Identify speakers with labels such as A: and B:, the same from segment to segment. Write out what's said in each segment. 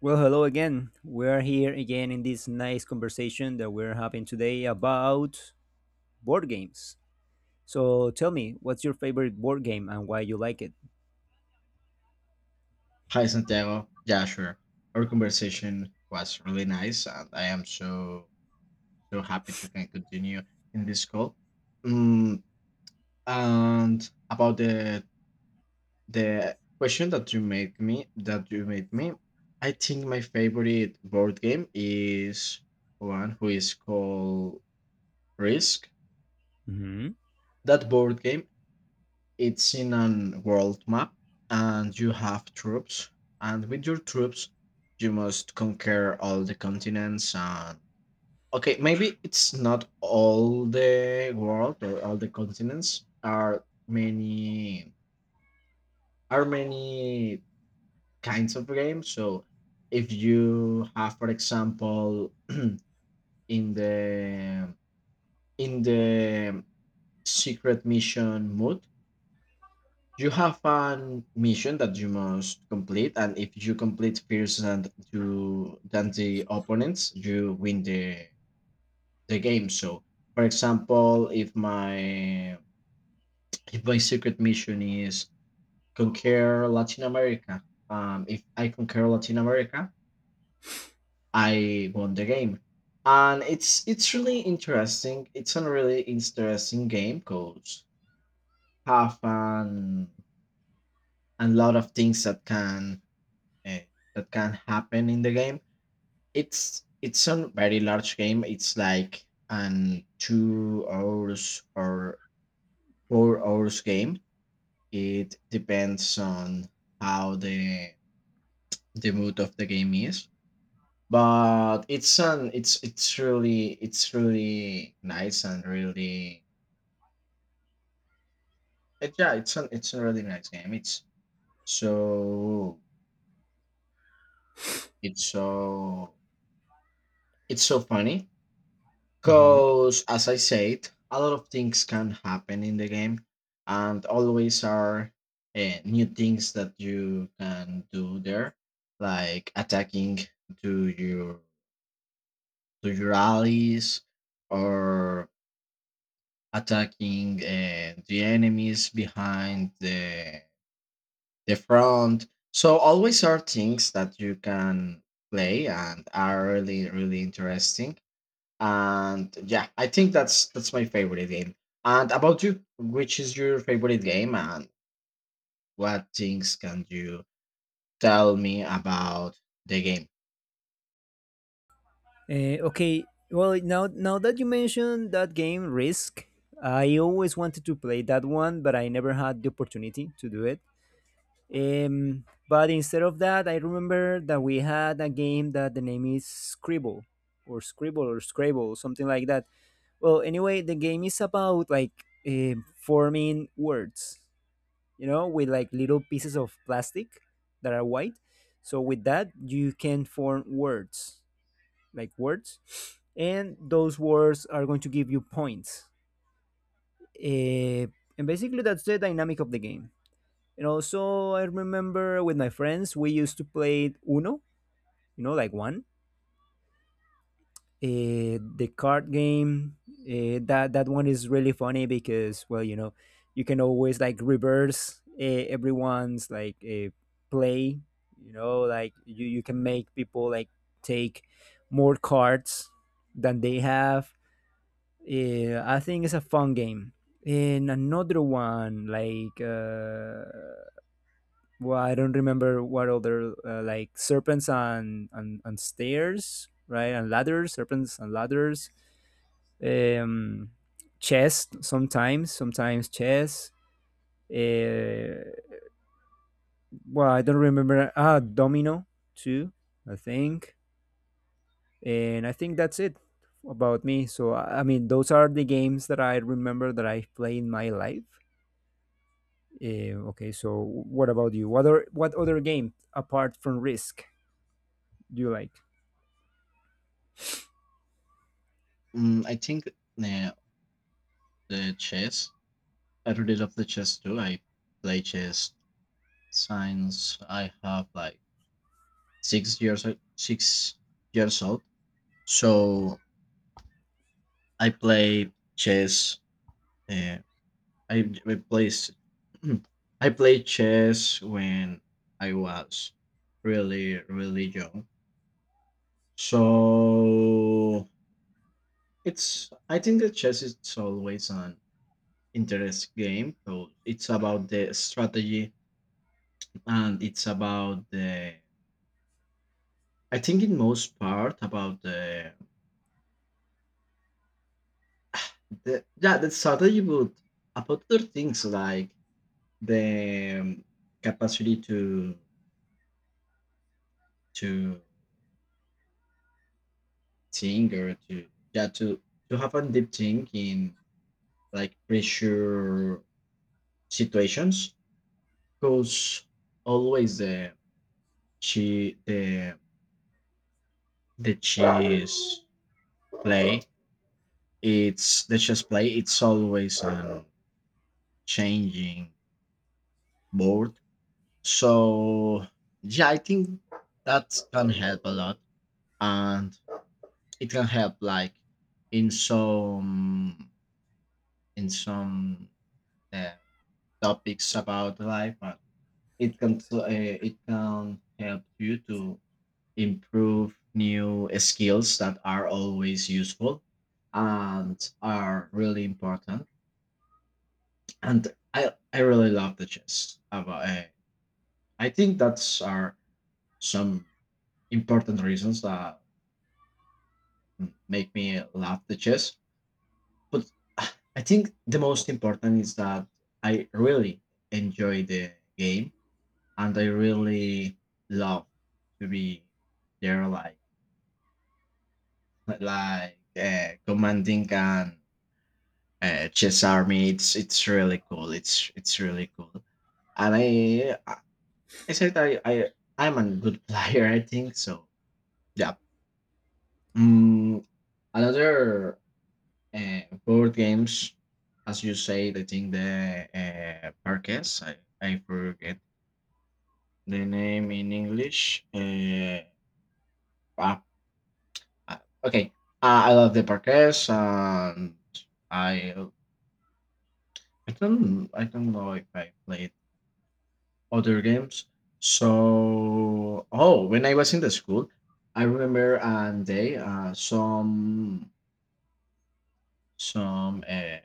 A: Well, hello again. We're here again in this nice conversation that we're having today about board games. So tell me, what's your favorite board game and why you like it?
B: Hi Santiago. Yeah, sure. Our conversation was really nice, and I am so happy to can continue in this call. Mm, and about the question that you made me I think my favorite board game is one who is called Risk.
A: hmm
B: That board game, it's in an world map, and you have troops, and with your troops, you must conquer all the continents and okay, maybe it's not all the world or all the continents. Are many are many kinds of games. So if you have, for example, in the in the secret mission mode. You have an mission that you must complete, and if you complete first and you than the opponents, you win the game. So, for example, if my if my secret mission is conquer Latin America, if I conquer Latin America, I won the game, and it's really interesting. It's a really interesting game because have an a lot of things uh, that can happen in the game. It's a very large game. It's like an 2 hours or 4 hours game. It depends on how the mood of the game is. But it's an it's really nice and really it's a really nice game. So it's so it's so funny
A: hmm
B: because, as I said, a lot of things can happen in the game, and always are new things that you can do there, like attacking to your to your allies or attacking the enemies behind the front. So always are things that you can play and are really interesting. And yeah, I think that's my favorite game. And about you, which is your favorite game, and what things can you tell me about the game?
A: okay. Well, now that you mentioned that game, Risk, I always wanted to play that one, but I never had the opportunity to do it. But instead of that, I remember that we had a game that the name is Scribble, or Scribble, or Scrabble, something like that. Well, anyway, the game is about like forming words, you know, with like little pieces of plastic that are white. So with that, you can form words, like words, and those words are going to give you points. Eh, and basically, that's the dynamic of the game. And also, I remember with my friends, we used to play Uno, you know, like one. The card game, that one is really funny because, well, you know, you can always like reverse everyone's like play, you know, like you can make people like take more cards than they have. I think it's a fun game. And another one like well, I don't remember what other, like serpents on stairs, right? And ladders. Serpents and ladders. um, Chess sometimes, sometimes chess. Uh, well, I don't remember. Ah, domino too, I think. And I think that's it about me. So, I mean, those are the games that I remember that I play in my life. Okay, so what about you? What other game apart from Risk do you like
B: I think uh, the chess. I really love the chess too. I play chess since I have like 6 years old. So I play chess. Uh, I plays I played chess when I was really young. So it's, I think that chess is always an interest game. So it's about the strategy and it's about the, I think in most part about the yeah the strategy, but about other things like the capacity to thing or to, yeah, to have a deep think in like pressure situations because always the the chess play chess play it's always a changing board. So yeah, I think that can help a lot, and it can help like in some in some uh, topics about life, and it can so, it can help you to improve new skills that are always useful and are really important. And I really love the chess. About I think that's are some important reasons that make me love the chess. But I think the most important is that I really enjoy the game, and I really love to be there like commanding and chess army. It's really cool. It's really cool. And I said I I I'm a good player. I think so. Yeah. Mm, another board games, as you say, I think the Parques. I forget the name in English. Ah, okay. I love the Parques and. I I don't know if I played other games. So oh, when I was in the school, I remember a day some uh,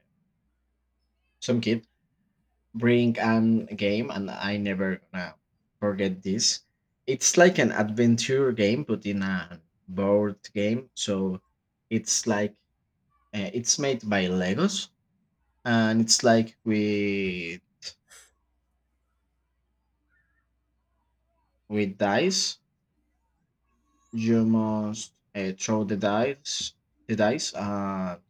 B: some kid bring an game, and I never gonna forget this. It's like an adventure game, but in a board game. So it's like it's made by Legos, and it's like with dice. You must throw the dice, and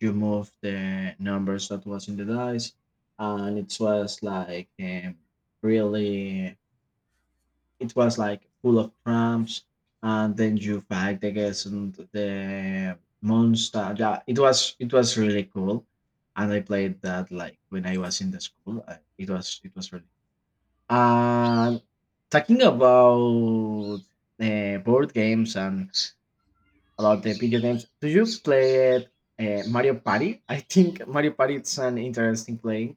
B: you move the numbers that was in the dice, and it was like really, it was like full of prompts, and then you fight against the monster. Yeah, it was really cool, and I played that like when I was in the school. It was really cool. And talking about board games and about the video games. Do you play Mario Party? I think Mario Party is an interesting play,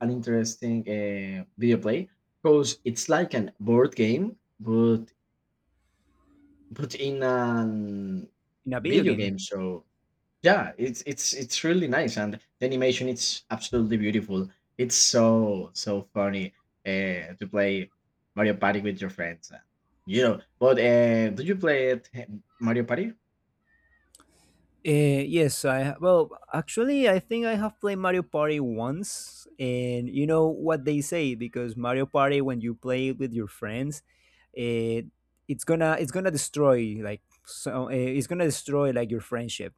B: an interesting video play, because it's like an board game, but in an
A: in a video
B: video
A: game?
B: game. So yeah, it's it's really nice, and the animation it's absolutely beautiful. It's so so funny to play Mario Party with your friends. You know, but do you play it, Mario Party?
A: Yes, well, actually, I think I have played Mario Party once, and you know what they say, because Mario Party, when you play it with your friends, it it's gonna destroy like so, it's gonna destroy like your friendship,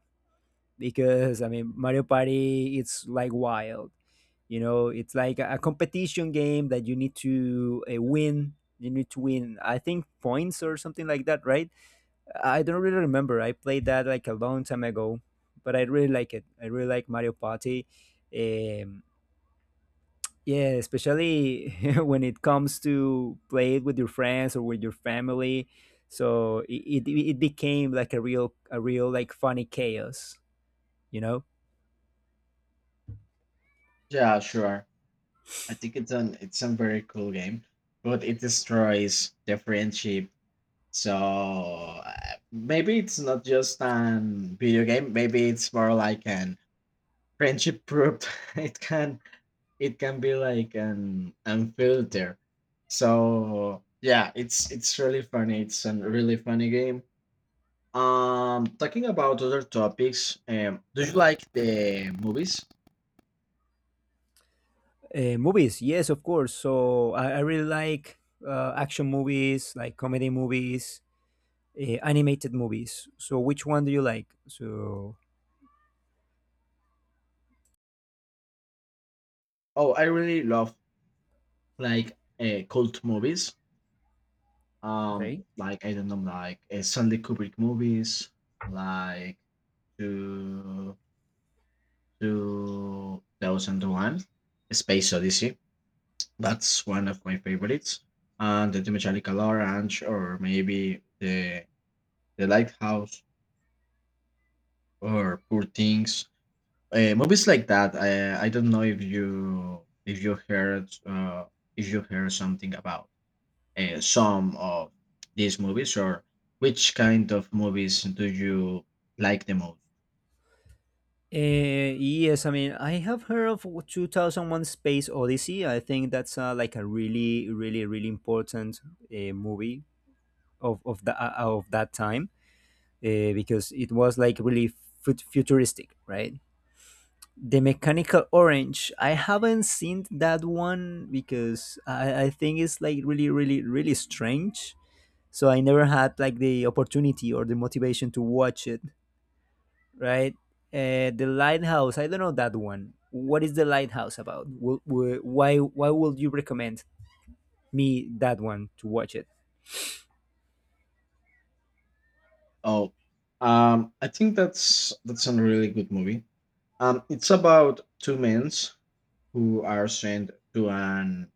A: because I mean Mario Party, it's like wild, you know, it's like a competition game that you need to win. You need to win, I think, points or something like that, right? I don't really remember. I played that like a long time ago, but I really like it. I really like Mario Party. Um, yeah, especially when it comes to play it with your friends or with your family. So it became like a real like funny chaos, you know.
B: Yeah, sure. I think it's an it's a very cool game, but it destroys the friendship. So maybe it's not just an video game. Maybe it's more like an friendship proof. it can it can be like an unfilter. So yeah, it's really funny. It's a really funny game. Talking about other topics, do you like the movies?
A: Movies, yes, of course. So, I really like action movies, like comedy movies, animated movies. So which one do you like? So
B: Oh, I really love like cult movies,
A: okay.
B: like I don't know, like Stanley Kubrick movies, like to 2001 Space Odyssey. That's one of my favorites, and the Chemical Orange, or maybe the Lighthouse or Poor Things. Movies like that. I don't know if you heard something about some of these movies, or which kind of movies do you like the most?
A: Yes, I mean, I have heard of 2001 Space Odyssey. I think that's like a really, really, really important movie of that time, because it was like really futuristic, right? The Mechanical Orange, I haven't seen that one because, I think it's like really, really, really strange. So I never had like the opportunity or the motivation to watch it, right? The lighthouse. I don't know that one. What is the lighthouse about? Why would you recommend me that one to watch it?
B: oh I think that's a really good movie. It's about two men who are sent to an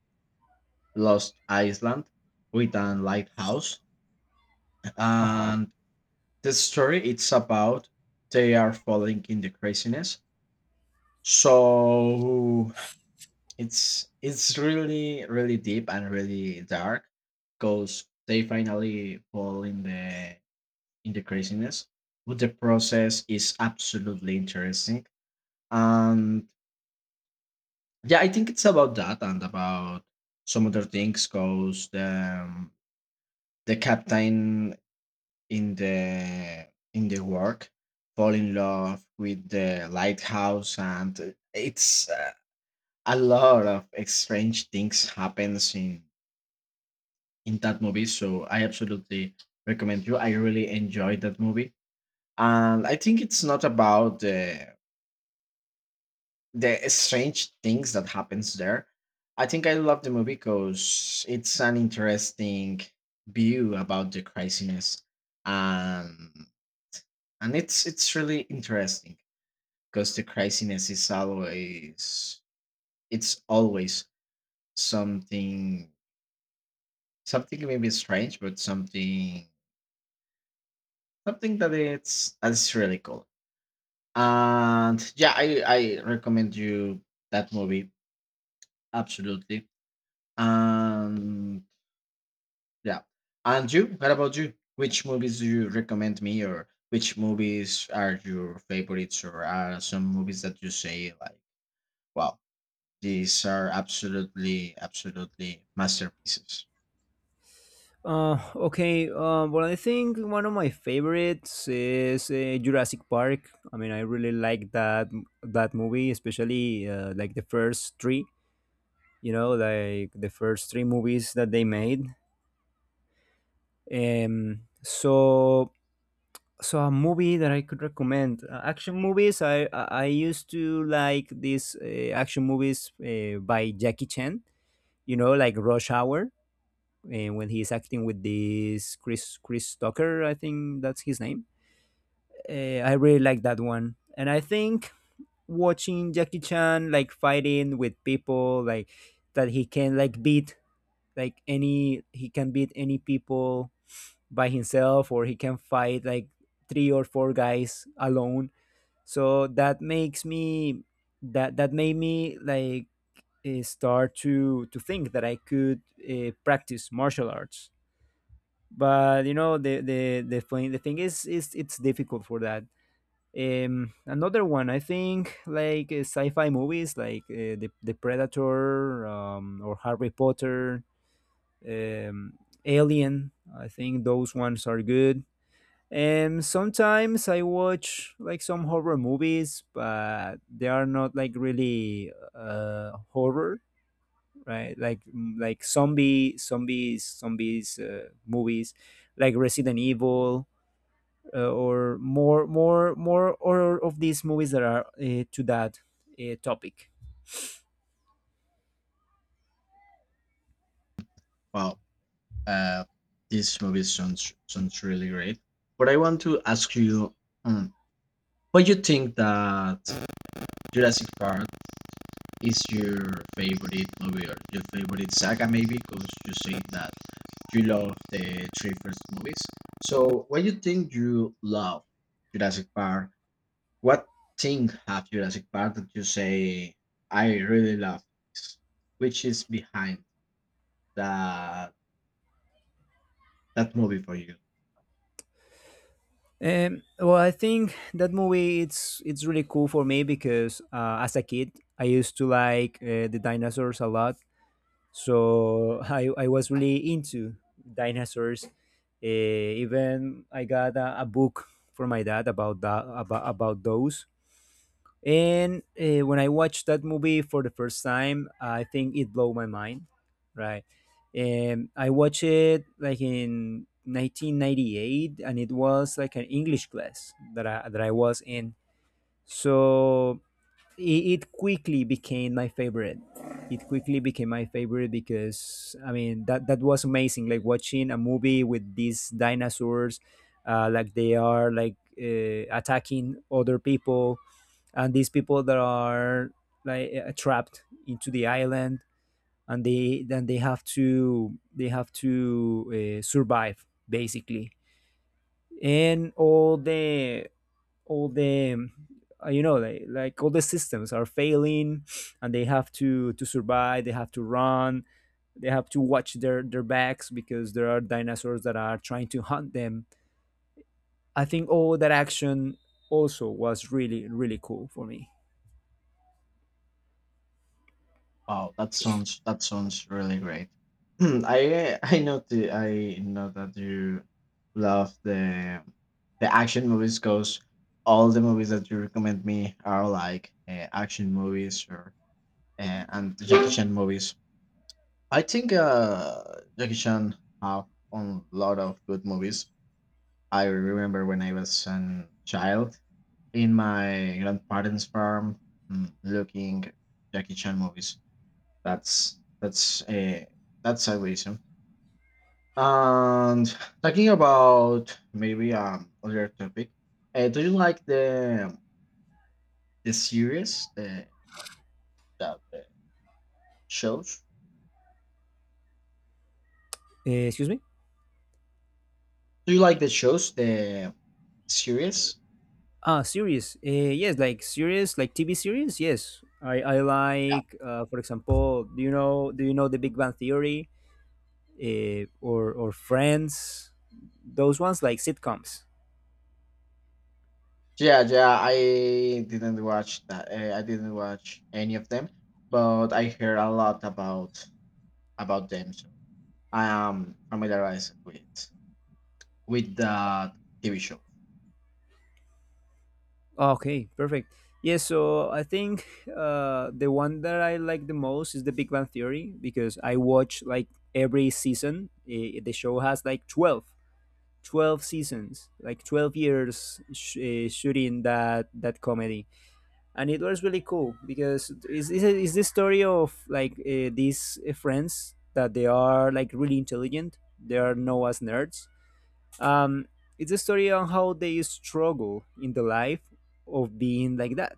B: lost island with a lighthouse,
A: Uh huh.
B: and the story it's about they are falling in the craziness. So it's really really deep and really dark because they finally fall in the craziness, but the process is absolutely interesting. And yeah, I think it's about that and about some other things because the um, the captain in the in the work fall in love with the lighthouse, and it's a lot of strange things happens in that movie. So I absolutely recommend you. I really enjoyed that movie, and I think it's not about the strange things that happens there. I think I love the movie because it's an interesting view about the craziness, and and it's really interesting because the craziness is always it's always something something maybe strange, but something that it's that's really cool. And yeah, I recommend you that movie absolutely. And yeah, and you? What about you? Which movies do you recommend me, or which movies are your favorites, or are some movies that you say like, wow, these are absolutely absolutely masterpieces.
A: Okay. Well, I think one of my favorites is Jurassic Park. I mean, I really like that movie, especially like the first three. You know, like the first three movies that they made. So, so a movie that I could recommend, action movies. I used to like these action movies by Jackie Chan. You know, like Rush Hour, when he's acting with this Chris Tucker. I think that's his name. I really like that one, and I think watching Jackie Chan like fighting with people like that, he can like beat like any he can beat any people by himself, or he can fight like three or four guys alone. So that makes me, that made me like start to think that I could practice martial arts. But you know, the thing is, it's difficult for that. Another one, I think, like sci-fi movies like the predator, or Harry Potter, um Alien. I think those ones are good. Sometimes I watch like some horror movies, but they are not like really horror, right? Like like zombies movies, like Resident Evil, or more or of these movies that are to that topic.
B: Wow, uh, these movies sounds sounds really great. But I want to ask you, um, what you think that Jurassic Park is your favorite movie or your favorite saga, maybe because you say that you love the three first movies. So what do you think you love Jurassic Park? What thing have Jurassic Park that you say, I really love this, which is behind that that movie for you?
A: Well, I think that movie, it's really cool for me because, as a kid, I used to like the dinosaurs a lot, so I was really into dinosaurs. Even I got a book from my dad about that, about those. And when I watched that movie for the first time, I think it blew my mind, right? I watched it like in 1998, and it was like an English class that I was in. So, it, it quickly became my favorite, because I mean, that was amazing, like watching a movie with these dinosaurs, like they are like attacking other people, and these people that are like trapped into the island, and they then they have to, survive basically, and all the you know, like all the systems are failing, and they have to survive, they have to run, they have to watch their backs because there are dinosaurs that are trying to hunt them. I think all that action also was really really cool for me.
B: Wow, that sounds really great. I know that you love the action movies because all the movies that you recommend me are like action movies or and Jackie Chan movies. I think Jackie Chan have a lot of good movies. I remember when I was a child in my grandparents' farm looking Jackie Chan movies. That's that's a that's a reason. And talking about maybe other topic, do you like the series the that shows?
A: Excuse me.
B: Do you like the shows the series?
A: Ah, series. Yes, like series, like TV series. Yes, I
B: Yeah,
A: like. For example, do you know the Big Bang Theory, or Friends? Those ones like sitcoms.
B: yeah. I didn't watch that. I didn't watch any of them, but I hear a lot about them. So I am familiarized with that TV show.
A: Ah, okay, perfect. Yes, so I think the one that I like the most is the Big Bang Theory, because I watch like every season. The show has like 12, 12 seasons, like 12 years shooting that comedy. And it was really cool because it's is this story of like these friends that they are like really intelligent. They are known as nerds. Um, it's a story on how they struggle in the life of being like that.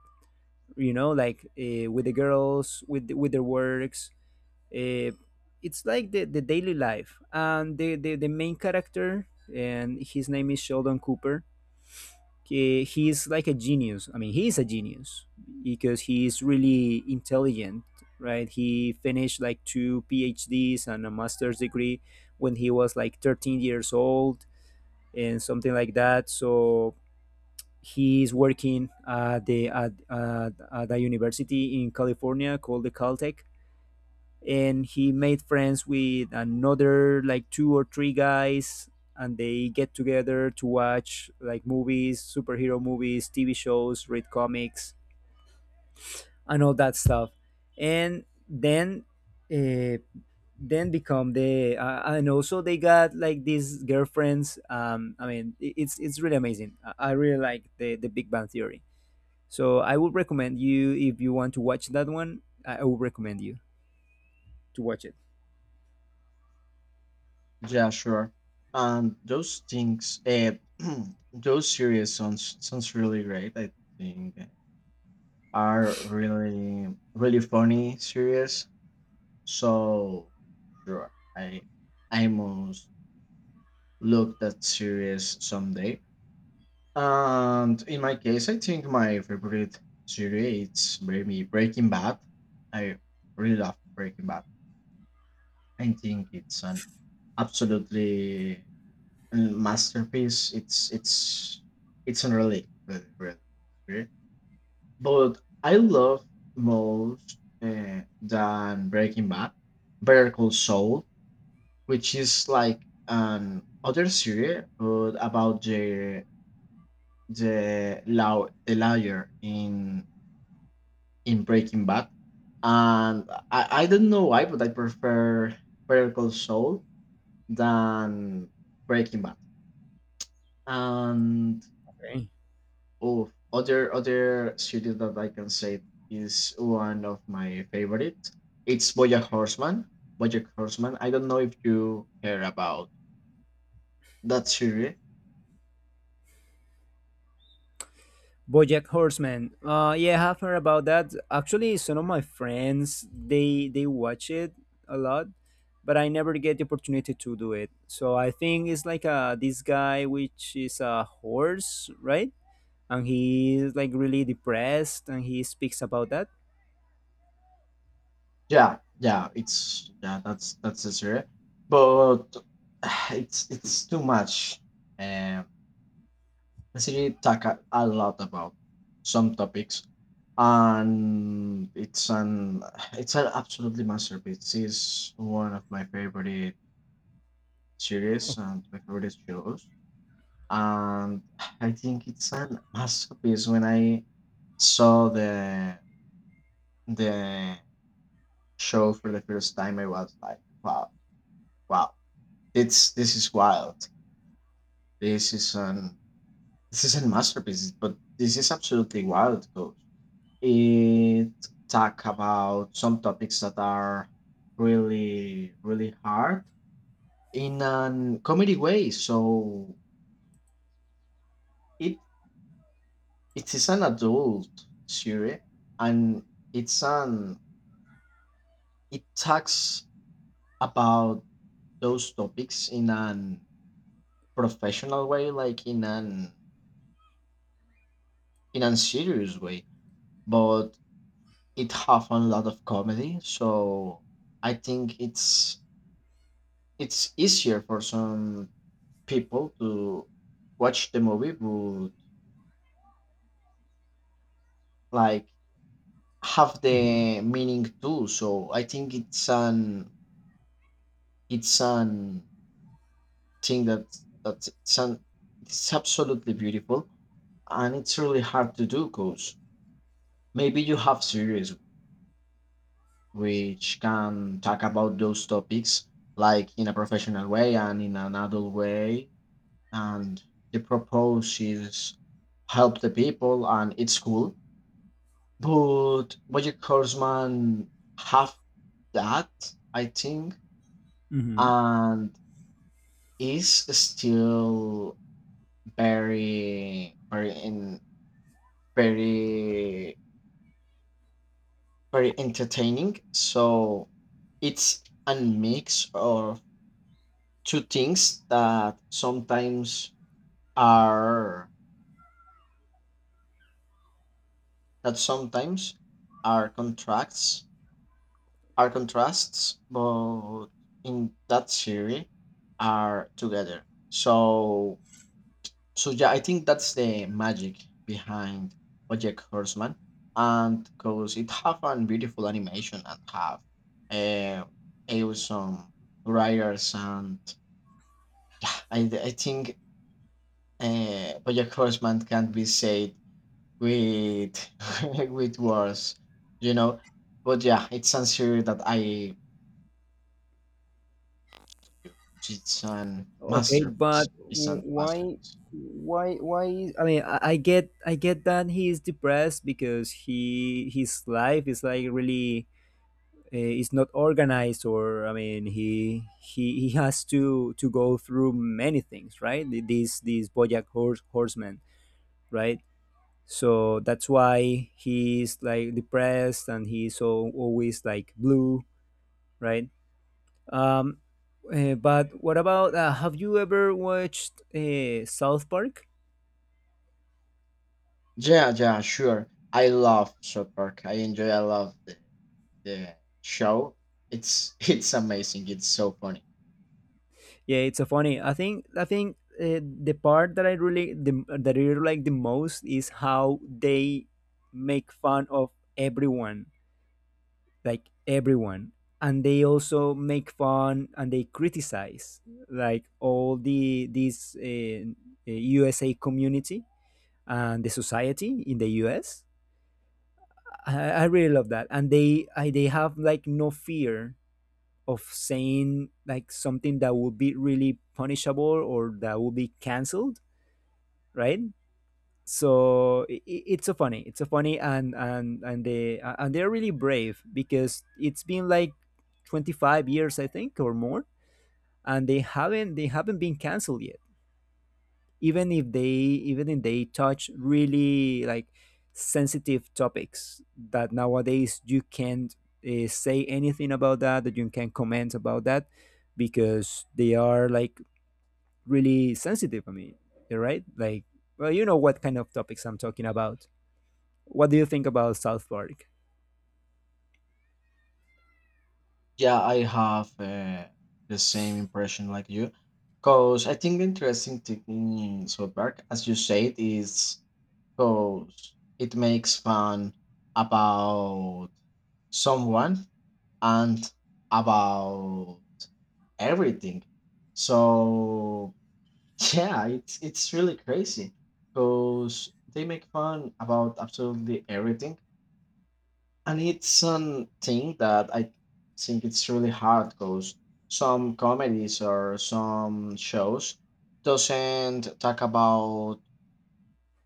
A: You know, like with the girls, with with their works. Uh, it's like the daily life, and the main character, and his name is Sheldon Cooper. He's like a genius. I mean, he's a genius because he's really intelligent, right? He finished like two PhDs and a master's degree when he was like 13 years old and something like that. So he's working at at a university in California called the Caltech, and he made friends with another like two or three guys, and they get together to watch like movies, superhero movies, TV shows, read comics and all that stuff. And then, uh, then become the, and also they got like these girlfriends. I mean, it's really amazing. I really like the Big Bang Theory, so I would recommend you, if you want to watch that one, I would recommend you to watch it.
B: Yeah, sure. And those things, those series sounds sounds really great. I think are really really funny series. So sure, I must look that series someday. And in my case, I think my favorite series it's maybe Breaking Bad. I really love Breaking Bad. I think it's an absolutely masterpiece. It's it's unreal, really, really, really. But I love most than Breaking Bad, Better Call Saul, which is like an other series, but about the lawyer in Breaking Bad, and I don't know why, but I prefer Better Call Saul than Breaking Bad. And
A: Okay.
B: oh, other series that I can say is one of my favorite. It's BoJack Horseman. BoJack Horseman. I don't know if you hear about that series.
A: BoJack Horseman. Yeah, I've heard about that. Actually, some of my friends, they watch it a lot, but I never get the opportunity to do it. So I think it's like, uh, this guy which is a horse, right? And he is like really depressed, and he speaks about that.
B: Yeah, yeah. It's yeah. That's the series. But it's too much. Um, the series talk a lot about some topics, and it's an it's an absolutely masterpiece. It's one of my favorite series and my favorite shows. And I think it's an masterpiece. When I saw the show for the first time, I was like, wow, wow, it's this is wild. This is an this is a masterpiece, but this is absolutely wild because it talk about some topics that are really really hard in a comedy way. It. It is an adult series, and it's an it talks about those topics in an professional way, like in an serious way, but it have a lot of comedy, so I think it's easier for some people to watch the movie but like have
A: Mhm.
B: the meaning too. So I think it's an think that that sun it's absolutely beautiful, and it's really hard to do because maybe you have series which can talk about those topics like in a professional way and in an adult way, and the propose is help the people and it's cool, but Bojack Horseman have that, I think,
A: Hmm.
B: and is still very very in very very entertaining, so it's a mix of two things are that sometimes are contracts are contrasts but in that series are together. So yeah, I think that's the magic behind Project Horseman, and because it have a beautiful animation and have uh, awesome writers, and I think Project Horseman can be said with with words, you know. But yeah, it's a series that I it's an
A: Okay,
B: masterpiece.
A: but
B: It's a masterpiece.
A: why? I mean, I get that he is depressed because, he his life is like really is not organized, or I mean he has to go through many things, right? These BoJack horsemen, right? So that's why he's like depressed, and he's so always like blue, right? um but what about, have you ever watched, South Park?
B: Yeah, yeah, sure. I love South Park. I enjoy. I love. The show. It's it's amazing. It's so funny.
A: Yeah, it's so funny. I think the part that that I really like the most is how they make fun of everyone, like everyone, and they also make fun and they criticize like all the this USA community and the society in the US. I really love that, and they have like no fear of saying like something that would be really punishable or that would be canceled, right? So, it's so funny. It's so funny, and they and they're really brave because it's been like 25 years, I think, or more, and they haven't been canceled yet even if they even if they touch really like sensitive topics that nowadays you can't say anything about that, you can comment about that because they are like really sensitive. I mean, you're right. Like, well, you know what kind of topics I'm talking about. What do you think about South Park?
B: Yeah, I have the same impression like you, because I think the interesting thing in South Park, as you said, is because it makes fun about someone and about everything. So yeah, it's really crazy because they make fun about absolutely everything, and it's something that I think it's really hard because some comedies or some shows doesn't talk about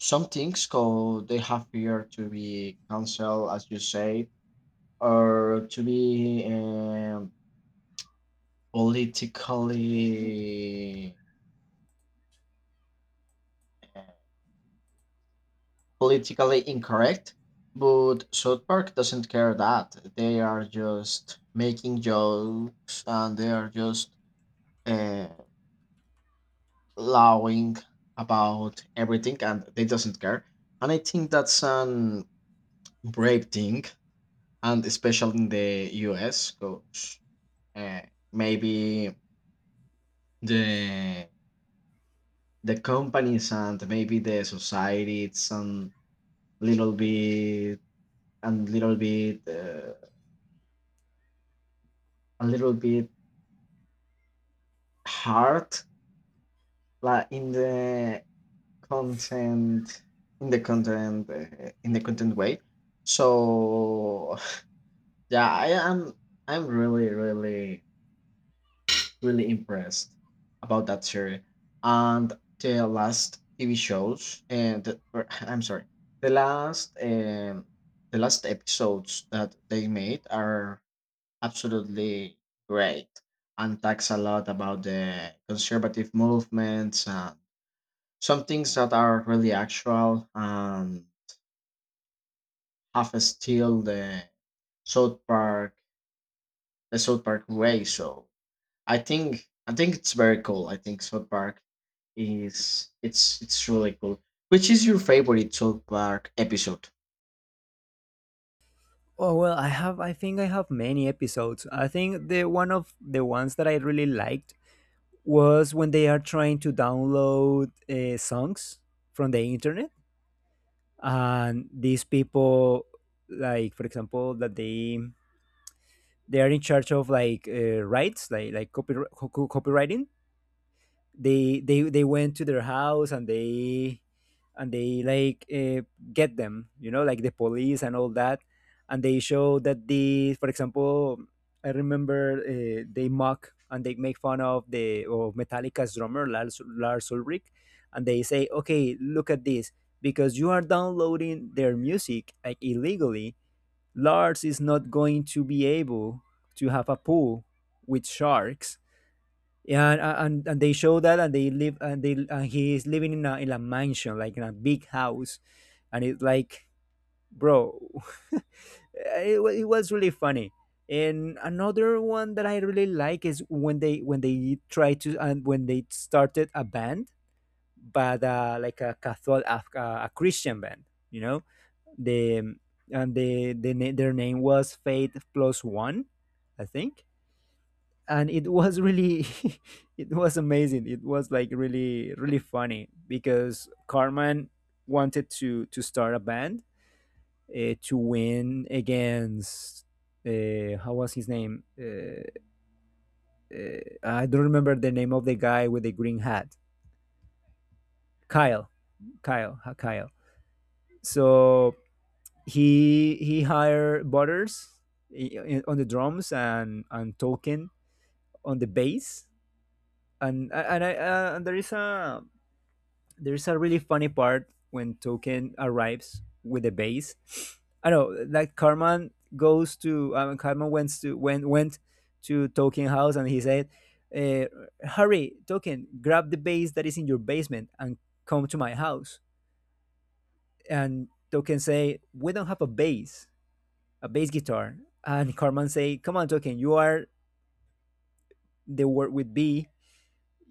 B: some things called they have fear to be cancelled, as you say, or to be politically politically incorrect. But South Park doesn't care that they are just making jokes and they are just. uh, Lowing about everything and they doesn't care. And I think that's an brave thing, and especially in the US, because uh, maybe the the companies and maybe the society it's a little bit and little bit, a little bit hard like in the content in the content way, so yeah, I am. I'm really, really, really impressed about that series, and the last TV shows and I'm sorry, the last um, the last episodes that they made are absolutely great, and talks a lot about the conservative movements and some things that are really actual and have still South Park the South Park way. So I think it's very cool. I think South Park is it's really cool. Which is your favorite South Park episode?
A: Oh well, I think I have many episodes. I think the one of the ones that I really liked was when they are trying to download songs from the internet, and these people, like, for example, that they are in charge of like rights, like copywriting. They went to their house, and they like, get them, you know, like the police and all that. And they show that, the for example, I remember they mock and they make fun of the of Metallica's drummer Lars Ulrich. And they say, "Okay, look at this, because you are downloading their music like illegally, Lars is not going to be able to have a pool with sharks." Yeah, and they show that, and they live, and they and he is living in a mansion, like in a big house, and it's like, "Bro," it was really funny. And another one that I really like is when they try to and when they started a band, but like a Catholic a Christian band, you know, the and their name was Faith Plus One, I think, and it was really, it was amazing. It was like really, really funny because Carmen wanted to start a band to win against, how was his name I don't remember the name of the guy with the green hat. Kyle. Kyle. So he hired Butters on the drums, and Tolkien on the bass. And there's a really funny part when Token arrives with the base. I know, like, Carman went to Token house and he said, uh, "Hurry, Token, grab the base that is in your basement and come to my house." And Token say, "We don't have a bass guitar." And Carman say, "Come on, Token, you are the word with B.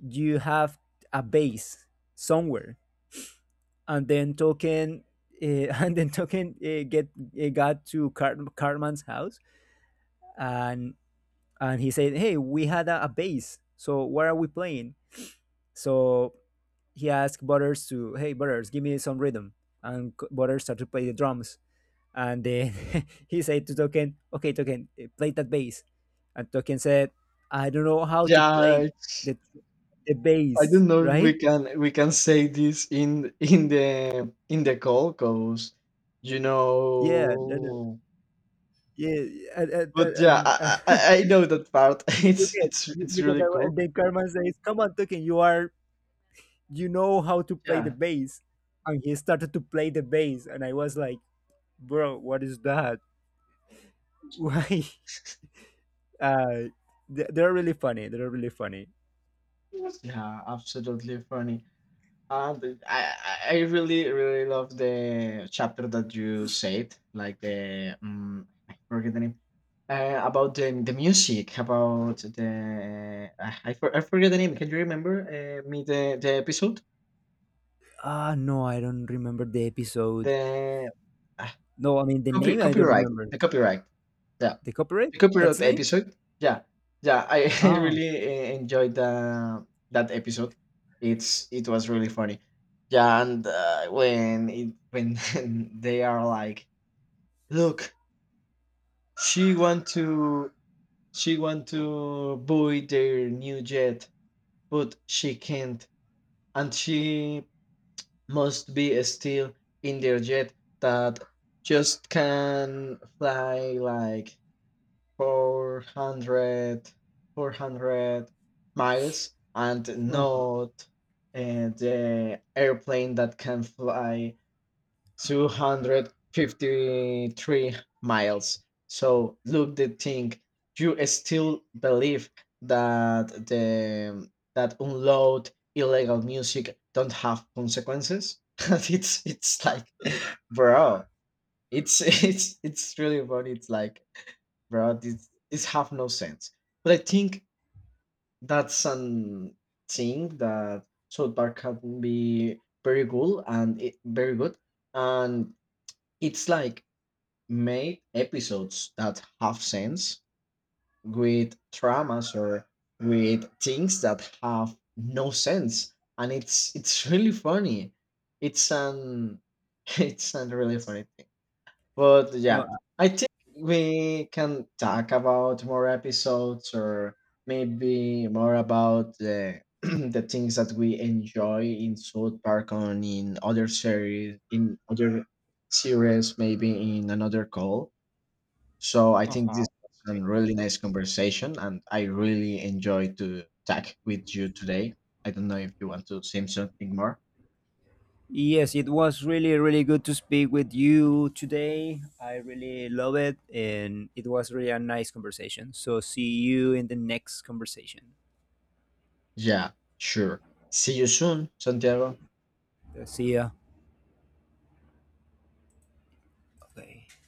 A: You have a bass somewhere." And then Token, uh, and then Token, get got to Cartman's house, and and he said, "Hey, we had a bass, so what are we playing?" So he asked Butters to, "Hey, Butters, give me some rhythm," and Butters started to play the drums. And then he said to Token, "Okay, Token, play that bass." And Token said, "I don't know how to
B: Yeah,
A: play
B: it's,
A: the the
B: I
A: bass,
B: don't know if we
A: right?"
B: can say this in in the call because you
A: Yeah, no, no,
B: know.
A: yeah, yeah, and, and,
B: But yeah,
A: and, and
B: I know that part.
A: you get
B: It's
A: you get
B: really cool.
A: the Carmen says, "Come on, Tukin, you are you know how to play the
B: Yeah,
A: bass." And he started to play the bass, and I was like, "Bro, what is that? Why?" Uh, they- they're really funny. They're really funny.
B: yeah, absolutely funny. Uh, the- I I really really love the chapter that you said, like the I forget the name, about the music, about the I, for, I forget the name. Can you remember me the episode?
A: Ah, no, I don't remember the episode.
B: The
A: No, I mean the
B: Copy
A: name. I don't
B: copyright.
A: remember.
B: The copyright. Yeah.
A: The copyright.
B: The
A: That's
B: copyright
A: the name.
B: episode. Yeah. Yeah. I, I
A: Ah,
B: really enjoyed that episode. It was really funny. Yeah, and when they are like, look, she want to she want to buy their new jet, but she can't, and she must be still in their jet that just can fly like 400, 400 miles and
A: uh-huh.
B: not the airplane that can fly 253 miles. So look the thing, you still believe that the that unload illegal music don't have consequences? It's like, bro, it's it's really funny. It's like, bro, this have no sense. But I think that's an thing that South Park can be very good, very good, and it's like make episodes that have sense with traumas or with things that have no sense, and it's really funny. It's an it's an really funny, but
A: Uh,
B: yeah, I think we can talk about more episodes or maybe more about the the things that we enjoy in South Park on in other series maybe in another call. So I think
A: uh-huh.
B: this was
A: Okay.
B: a really nice conversation, and I really enjoyed to talk with you today. I don't know if you want to say something more.
A: Yes, it was really, really good to speak with you today. I really love it, and it was really a nice conversation. So, see you in the next conversation.
B: Yeah, sure. See you soon, Santiago.
A: See ya. Okay.